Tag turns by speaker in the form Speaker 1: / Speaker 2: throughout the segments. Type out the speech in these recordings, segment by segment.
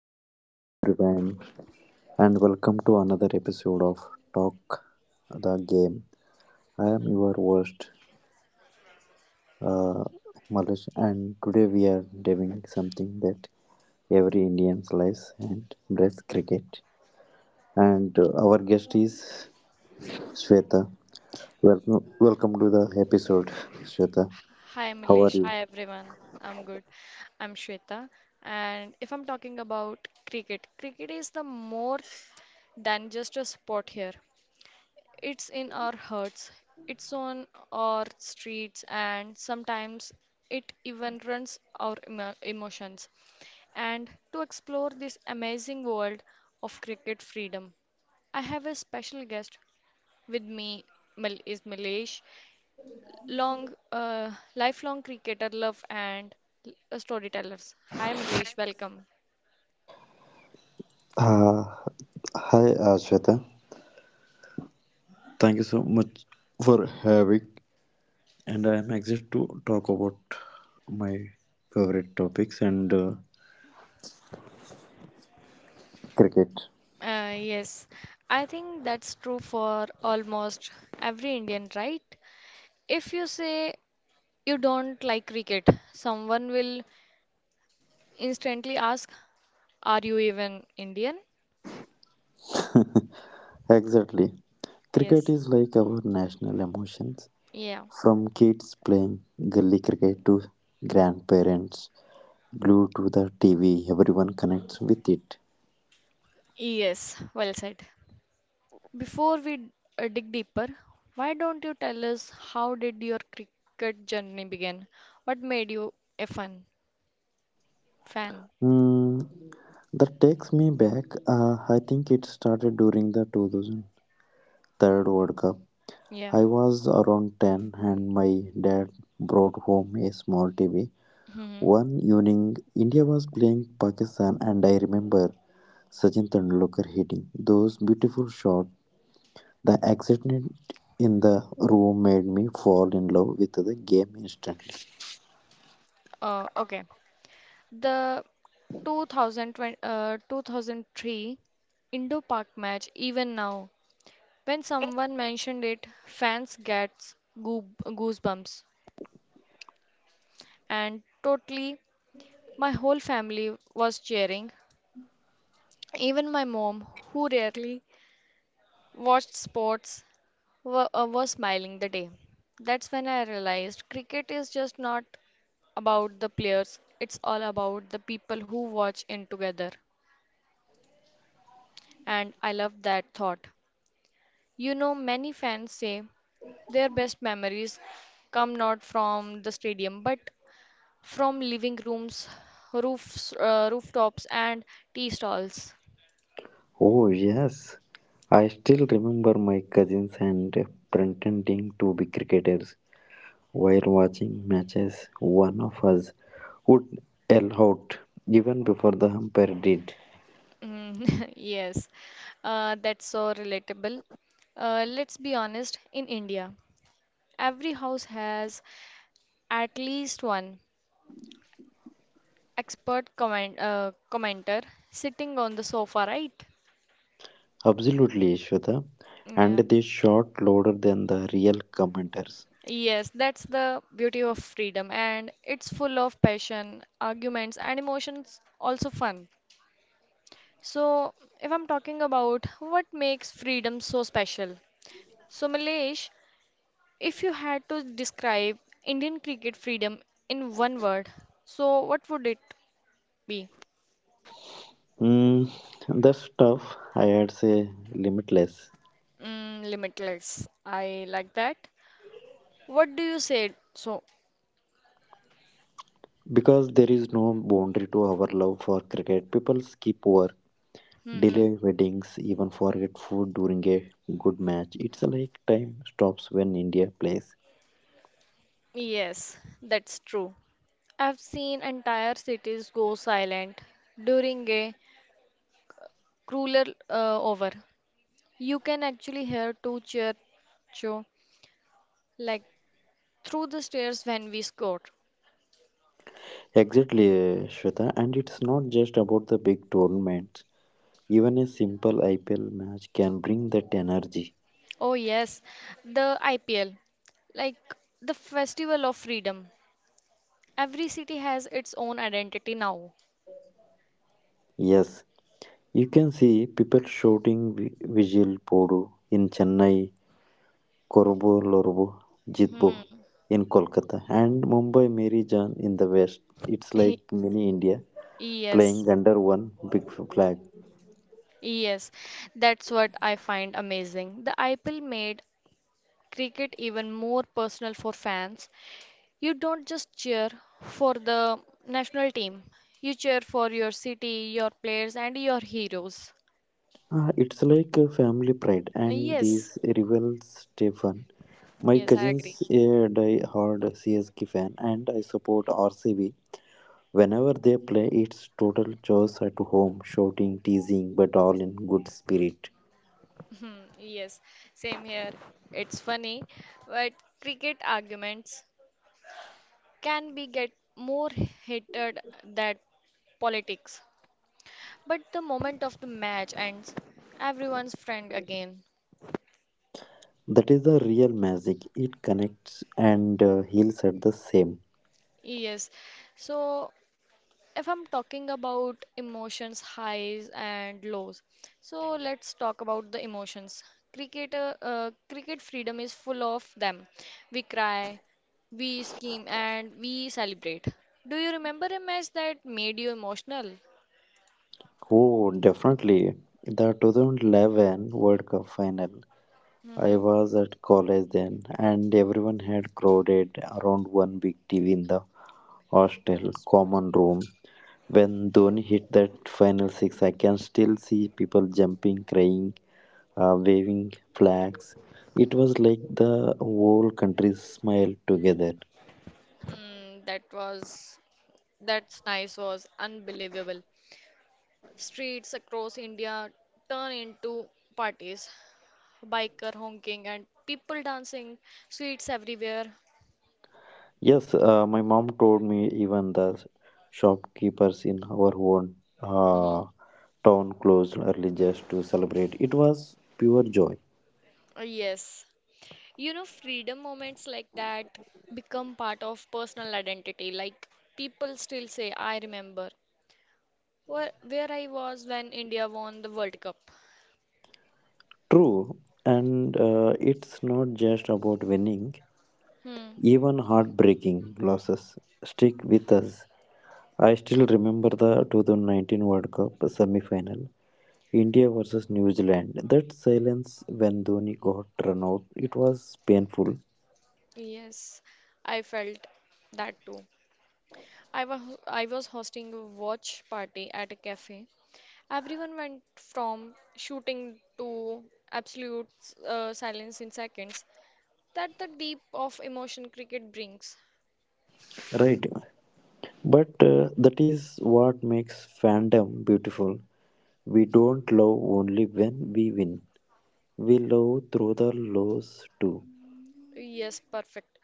Speaker 1: Hi, hello everyone, and welcome to another episode of Talk the Game. I am your host, uh, Malesh, and today we are doing something that every Indian lives and breath cricket. And our guest is Shweta. Welcome, welcome to the episode, Shweta.
Speaker 2: Hi
Speaker 1: How are
Speaker 2: Milesh,
Speaker 1: you?
Speaker 2: hi everyone. I'm good. I'm Shweta. And if I'm talking about cricket, cricket is the more than just a sport here. It's in our hearts, it's on our streets, and sometimes it even runs our emotions. And to explore this amazing world of cricket freedom, I have a special guest with me, Mil- is Milesh long lifelong cricketer love and storytellers. Hi Milesh, welcome.
Speaker 1: Uh, Hi, Shweta. Thank you so much for having. And I am excited to talk about my favorite topics and cricket.
Speaker 2: Yes, I think that's true for almost every Indian, right? If you say you don't like cricket, someone will instantly ask, are you even Indian?
Speaker 1: Exactly. Cricket
Speaker 2: Yes,
Speaker 1: is like our national emotions.
Speaker 2: yeah,
Speaker 1: From kids playing gully cricket to grandparents glued to the TV, everyone connects with it.
Speaker 2: yes, well said. Before we dig deeper, why don't you tell us, how did your cricket journey begin? What made you a fan? Fan,
Speaker 1: Hmm, that takes me back. I think it started during the 2003 World Cup.
Speaker 2: yeah.
Speaker 1: I was around 10 and my dad brought home a small TV.
Speaker 2: Hmm.
Speaker 1: One evening, India was playing Pakistan, and I remember Sachin Tendulkar hitting those beautiful shots. The excitement in the room made me fall in love with the game instantly.
Speaker 2: Okay. The 2003 Indo-Pak match, even now, when someone mentioned it, fans gets goosebumps. And totally, my whole family was cheering. Even my mom, who rarely watched sports, was smiling the day. That's when I realized cricket is just not about the players, it's all about the people who watch in together. And I love that thought. You know, many fans say their best memories come not from the stadium but from living rooms, rooftops, and tea stalls.
Speaker 1: Oh, yes. I still remember my cousins and pretending to be cricketers while watching matches. One of us would yell out even before the umpire did.
Speaker 2: Mm, yes, that's so relatable. Let's be honest, in India, every house has at least one expert commenter sitting on the sofa, right?
Speaker 1: Absolutely, Ishwata. And
Speaker 2: Yeah.
Speaker 1: they shot louder than the real commenters.
Speaker 2: Yes, that's the beauty of freedom, and it's full of passion, arguments, and emotions, also fun. So, if I'm talking about what makes freedom so special, so Milesh, if you had to describe Indian cricket freedom in one word, so what would it be?
Speaker 1: Mm, the stuff I had say limitless.
Speaker 2: Mm, limitless. I like that. What do you say? So,
Speaker 1: Because there is no boundary to our love for cricket, people skip work,
Speaker 2: hmm.
Speaker 1: delay weddings, even forget food during a good match. It's like time stops when India plays.
Speaker 2: Yes, that's true. I've seen entire cities go silent during a cooler over. You can actually hear two cheer show like through the stairs when we scored.
Speaker 1: Exactly, Shweta, and it's not just about the big tournaments. Even a simple IPL match can bring that energy.
Speaker 2: Oh yes, the IPL, like the Festival of Freedom. Every city has its own identity now.
Speaker 1: Yes, you can see people shouting "Vijil Podu in Chennai, Korubu Lorubu, Jitbu
Speaker 2: Hmm.
Speaker 1: in Kolkata, and Mumbai Mary Jan in the West. It's like mini India
Speaker 2: Yes.
Speaker 1: playing under one big flag.
Speaker 2: Yes, that's what I find amazing. The IPL made cricket even more personal for fans. You don't just cheer for the national team, you cheer for your city, your players, and your heroes.
Speaker 1: Ah, it's like a family pride, and
Speaker 2: Yes,
Speaker 1: these rivals stay fun. My
Speaker 2: yes, I agree.
Speaker 1: cousins are die-hard CSK fan, and I support RCB. Whenever they play, it's total chaos at home, shouting, teasing, but all in good spirit.
Speaker 2: Hmm, yes, same here. It's funny, but cricket arguments can be get more heated than politics. But the moment of the match ends, everyone's friend again.
Speaker 1: That is the real magic. It connects and heals at the same.
Speaker 2: Yes. So, if I'm talking about emotions, highs and lows, so let's talk about the emotions. Cricket freedom is full of them. We cry, we scream, and we celebrate. Do you remember a match that made you emotional?
Speaker 1: Oh, definitely. The 2011 World Cup final.
Speaker 2: Mm-hmm.
Speaker 1: I was at college then, and everyone had crowded around one big TV in the hostel common room. When Dhoni hit that final six, I can still see people jumping, crying, waving flags. It was like the whole country smiled together.
Speaker 2: Mm, that's nice, was unbelievable. Streets across India turn into parties, biker honking and people dancing, sweets everywhere.
Speaker 1: Yes, my mom told me even the shopkeepers in our own
Speaker 2: Mhm.
Speaker 1: uh, town closed early just to celebrate. It was pure joy.
Speaker 2: Yes. You know, freedom moments like that become part of personal identity. Like people still say, I remember where I was when India won the World Cup.
Speaker 1: True, and it's not just about winning,
Speaker 2: Hmm.
Speaker 1: even heartbreaking losses stick with us. I still remember the 2019 World Cup semi final, India versus New Zealand. That silence when Dhoni got run out, it was painful,
Speaker 2: Yes, I felt that too. I was I was hosting a watch party at a cafe. Everyone went from shooting to absolute silence in seconds. That the deep of emotion cricket brings.
Speaker 1: right? But that is what makes fandom beautiful. We don't love only when we win. We love through the lows too.
Speaker 2: Yes, perfect.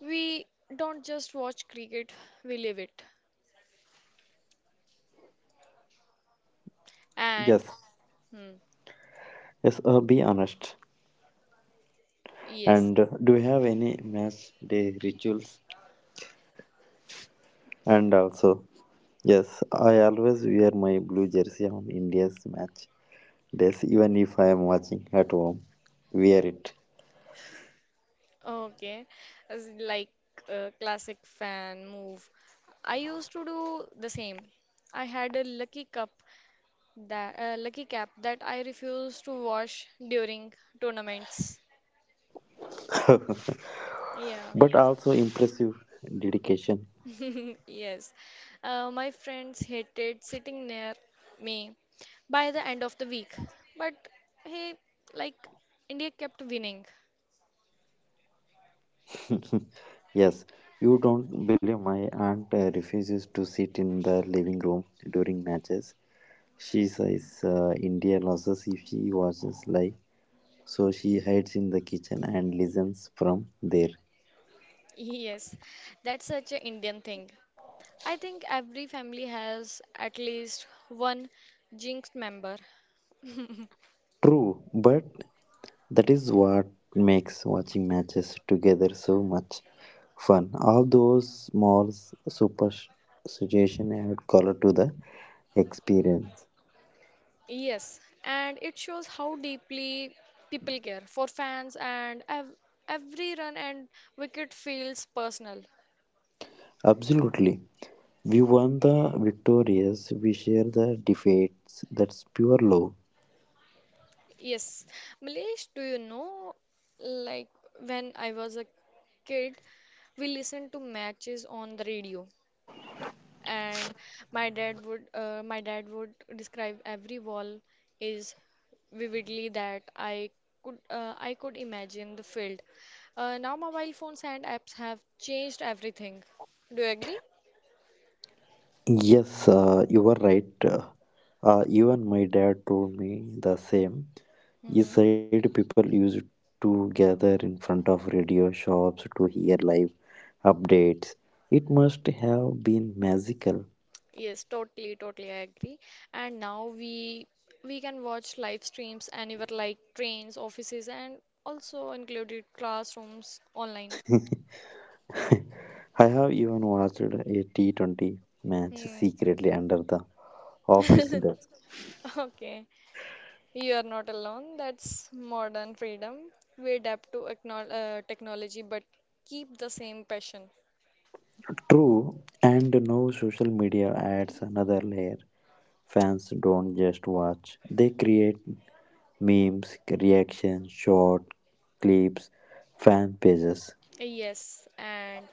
Speaker 2: We don't just watch cricket, we live it.
Speaker 1: Yes.
Speaker 2: And hmm,
Speaker 1: Yes, be honest.
Speaker 2: yes,
Speaker 1: And do you have any match day rituals? And also, yes, I always wear my blue jersey on India's match days, even if I am watching at home. Wear it.
Speaker 2: okay, as in like a classic fan move. I used to do the same. I had a lucky cap that I refused to wash during tournaments. Yeah.
Speaker 1: But also impressive dedication.
Speaker 2: Yes, my friends hated sitting near me by the end of the week, but hey, like India kept winning.
Speaker 1: Yes, you don't believe my aunt refuses to sit in the living room during matches. She says India loses if she watches live, so she hides in the kitchen and listens from there.
Speaker 2: Yes, that's such an Indian thing. I think every family has at least one jinxed member.
Speaker 1: True, but that is what makes watching matches together so much fun. All those small super situation add color to the experience.
Speaker 2: Yes, and it shows how deeply people care for fans, and ev every run and wicket feels personal.
Speaker 1: Absolutely. We won the victorious, we share the defeats. That's pure love.
Speaker 2: Yes, Milesh, do you know, like when I was a kid, we listened to matches on the radio, and my dad would describe every wall is vividly that I could imagine the field. Now mobile phones and apps have changed everything. Do you agree?
Speaker 1: Yes, you are right. Even my dad told me the same. He said people used to gather in front of radio shops to hear live updates. It must have been magical.
Speaker 2: Yes, totally, totally, I agree. And now we can watch live streams anywhere like trains, offices, and also included classrooms online.
Speaker 1: I have even watched a T20 match
Speaker 2: Hmm.
Speaker 1: secretly under the office desk.
Speaker 2: Okay, you are not alone. That's modern freedom. We adapt to technology, but keep the same passion.
Speaker 1: True, and now social media adds another layer. Fans don't just watch, they create memes, reactions, short clips, fan pages,
Speaker 2: Yes, and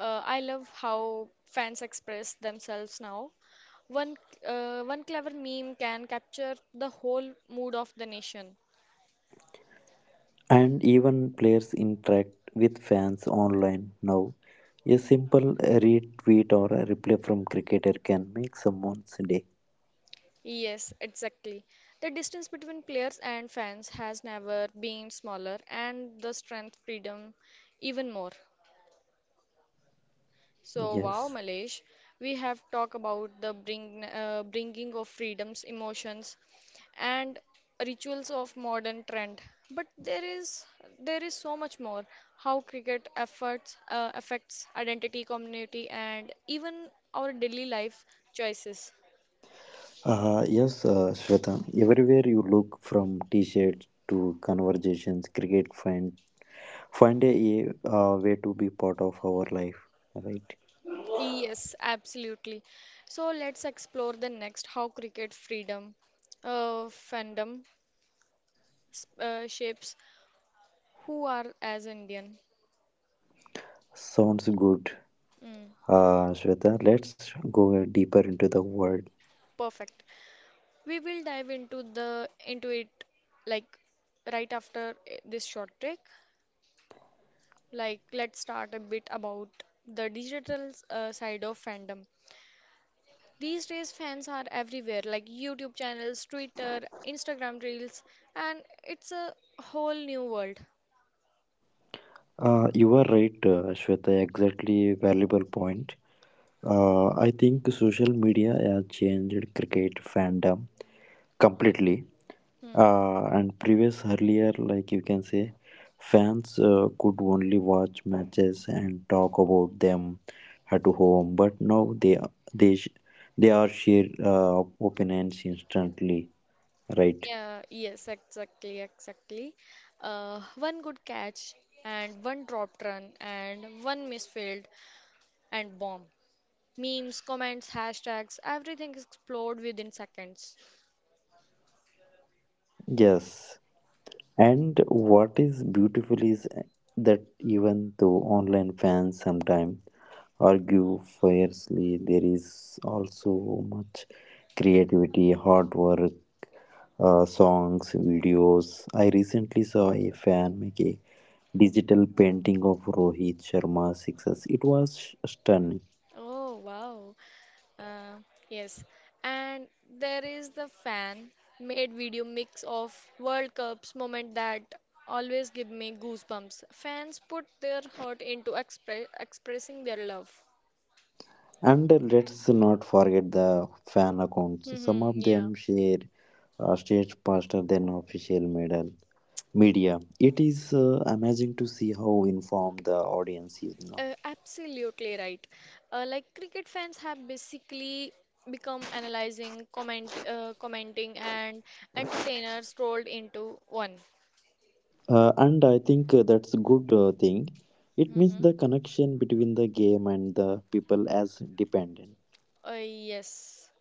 Speaker 2: I love how fans express themselves now. One one clever meme can capture the whole mood of the nation.
Speaker 1: and even players interact with fans online now. A simple retweet or a reply from cricketer can make someone's day.
Speaker 2: Yes, exactly. The distance between players and fans has never been smaller, and the strength freedom even more. So,
Speaker 1: Yes.
Speaker 2: wow, Malesh, we have talked about the bringing of freedoms, emotions, and rituals of modern trend. But there is so much more. How cricket efforts affects identity, community, and even our daily life choices.
Speaker 1: Yes, Shweta. Everywhere you look, from T-shirts to conversations, cricket find a way to be part of our life. Right?
Speaker 2: Yes, absolutely. So let's explore the next, how cricket fandom, shapes who are as Indian.
Speaker 1: Sounds good,
Speaker 2: Mm,
Speaker 1: Shweta. Let's go deeper into the world.
Speaker 2: perfect. We will dive into the into it like right after this short break. Like let's start a bit about the digital side of fandom. These days fans are everywhere like YouTube channels, Twitter, Instagram reels, and it's a whole new world.
Speaker 1: You are right, Shweta. Exactly, valuable point. I think social media has changed cricket fandom completely.
Speaker 2: Hmm.
Speaker 1: And previous earlier, like you can say, fans could only watch matches and talk about them at home. But now they sh- they are share opinions instantly, right?
Speaker 2: Yeah, yes, exactly, exactly. One good catch and one drop run and one misfield and bomb. Memes, comments, hashtags, everything is explored within seconds.
Speaker 1: Yes. And what is beautiful is that even though online fans sometimes argue fiercely. There is also much creativity, hard work, songs, videos. I recently saw a fan make a digital painting of Rohit Sharma's success. It was stunning.
Speaker 2: Oh, wow. Uh, yes. And there is the fan made video mix of World Cups moment that always give me goosebumps. Fans put their heart into expressing their love.
Speaker 1: And let's not forget the fan accounts. Some
Speaker 2: Hmm,
Speaker 1: of
Speaker 2: yeah.
Speaker 1: them share stage faster than official medal media. It is amazing to see how informed the audience is now.
Speaker 2: Absolutely right. Like cricket fans have basically become analyzing, commenting, and entertainers rolled into one.
Speaker 1: And I think that's a good thing. It means
Speaker 2: Hmm.
Speaker 1: the connection between the game and the people as dependent.
Speaker 2: Yes.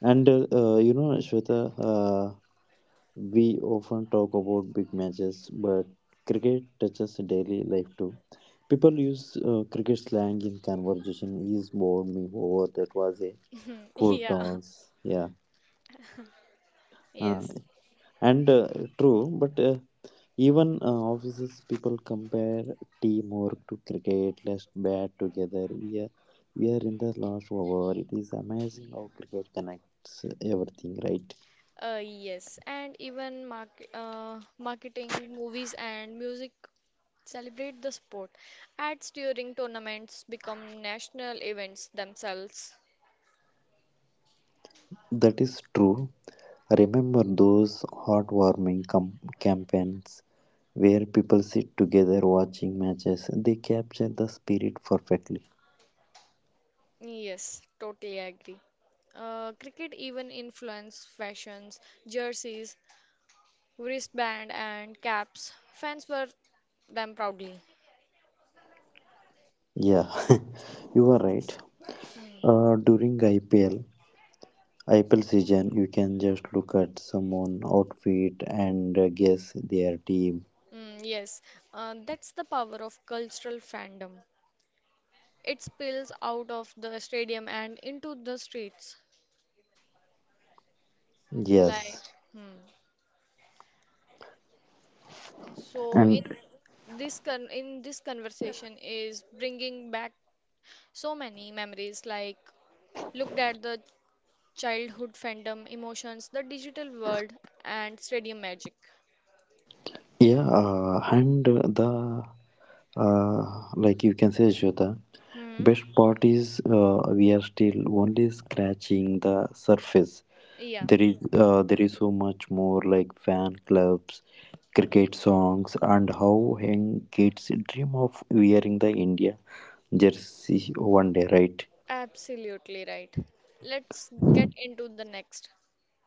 Speaker 1: And Shweta, we often talk about big matches, but cricket touches daily life too. People use cricket slang in conversation. He's bowled me over. That was a full
Speaker 2: Yeah.
Speaker 1: toss. Yeah. Uh,
Speaker 2: Yes.
Speaker 1: and True, but even offices people compare teamwork to cricket. Let's bat together. We are in the last over. It is amazing how cricket connects everything. Right?
Speaker 2: Yes. And even marketing, movies, and music celebrate the sport. Ads during tournaments become national events themselves.
Speaker 1: That is true. Remember those heartwarming campaigns where people sit together watching matches. They capture the spirit perfectly.
Speaker 2: Yes, totally agree. Cricket even influenced fashions, jerseys, wristband, and caps. Fans wear them proudly.
Speaker 1: Yeah, you are right. During IPL, Apple season, you can just look at someone outfit and guess their team.
Speaker 2: Mm, yes, that's the power of cultural fandom. It spills out of the stadium and into the streets. Like,
Speaker 1: Yes,
Speaker 2: hmm. So
Speaker 1: and
Speaker 2: in this conversation is bringing back so many memories. Like, looked at the childhood fandom, emotions, the digital world, and stadium magic.
Speaker 1: yeah, and the uh, like you can say, Shweta,
Speaker 2: Hmm.
Speaker 1: best part is we are still only scratching the surface.
Speaker 2: Yeah,
Speaker 1: There is so much more like fan clubs, cricket songs, and how young kids dream of wearing the India jersey one day, right?
Speaker 2: absolutely right. Let's get into the next.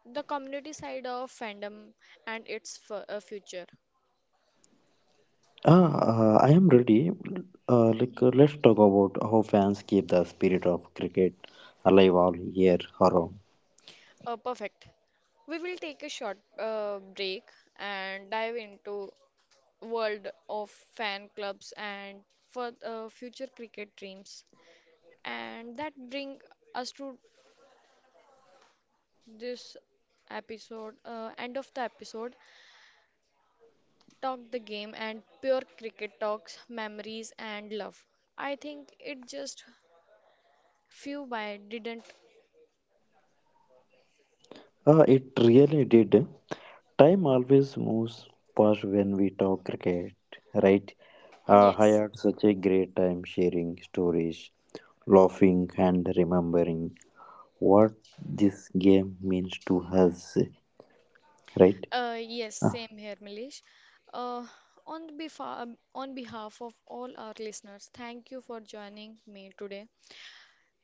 Speaker 2: The community side of fandom and its future.
Speaker 1: Ah, I am ready. Like, let's talk about how fans keep the spirit of cricket alive all year around.
Speaker 2: Perfect. We will take a short break and dive into world of fan clubs and for future cricket dreams. And that bring us to this end of the episode, talk the game and pure cricket talks, memories and love. I think it just few by didn't.
Speaker 1: It really did. Time always moves past when we talk cricket, right? I
Speaker 2: Yes.
Speaker 1: had such a great time sharing stories, laughing, and remembering what this game means to us, right?
Speaker 2: Yes,
Speaker 1: Uh,
Speaker 2: same here, Milish. Uh, on behalf on behalf of all our listeners, thank you for joining me today.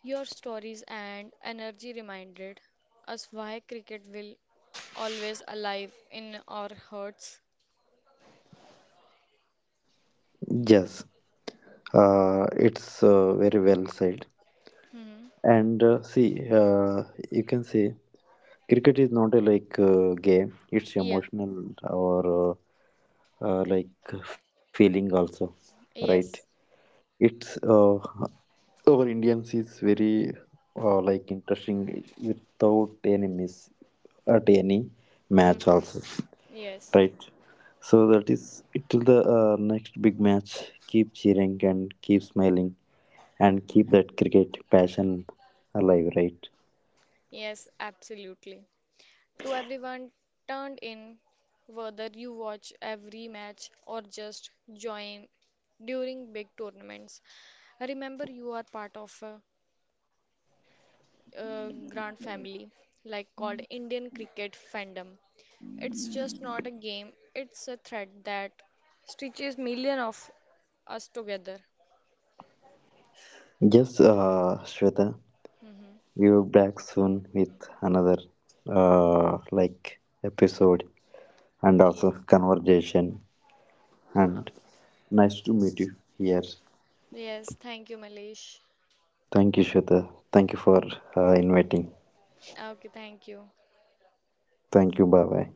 Speaker 2: Your stories and energy reminded us why cricket will always alive in our hearts.
Speaker 1: yes, it's very well said.
Speaker 2: Hmm.
Speaker 1: And see, you can say cricket is not a like game; it's
Speaker 2: Yeah.
Speaker 1: emotional or like feeling also, right?
Speaker 2: Yes.
Speaker 1: It's our Indians is very like interesting without any miss at any match
Speaker 2: Hmm.
Speaker 1: also,
Speaker 2: Yes,
Speaker 1: right? So that is it till the next big match. Keep cheering and keep smiling and keep that cricket passion alive, right?
Speaker 2: yes, absolutely. To everyone turned in, whether you watch every match or just join during big tournaments, remember you are part of a grand family, like called Indian cricket fandom. It's just not a game, it's a thread that stitches million of us together.
Speaker 1: Yes, Shweta. We'll back soon with another like episode and also
Speaker 2: Yes.
Speaker 1: conversation. And
Speaker 2: Okay.
Speaker 1: nice to meet you here.
Speaker 2: Yes, thank you, Malish.
Speaker 1: Thank you, Shweta. Thank you for inviting.
Speaker 2: Okay, thank you.
Speaker 1: Thank you. Bye bye.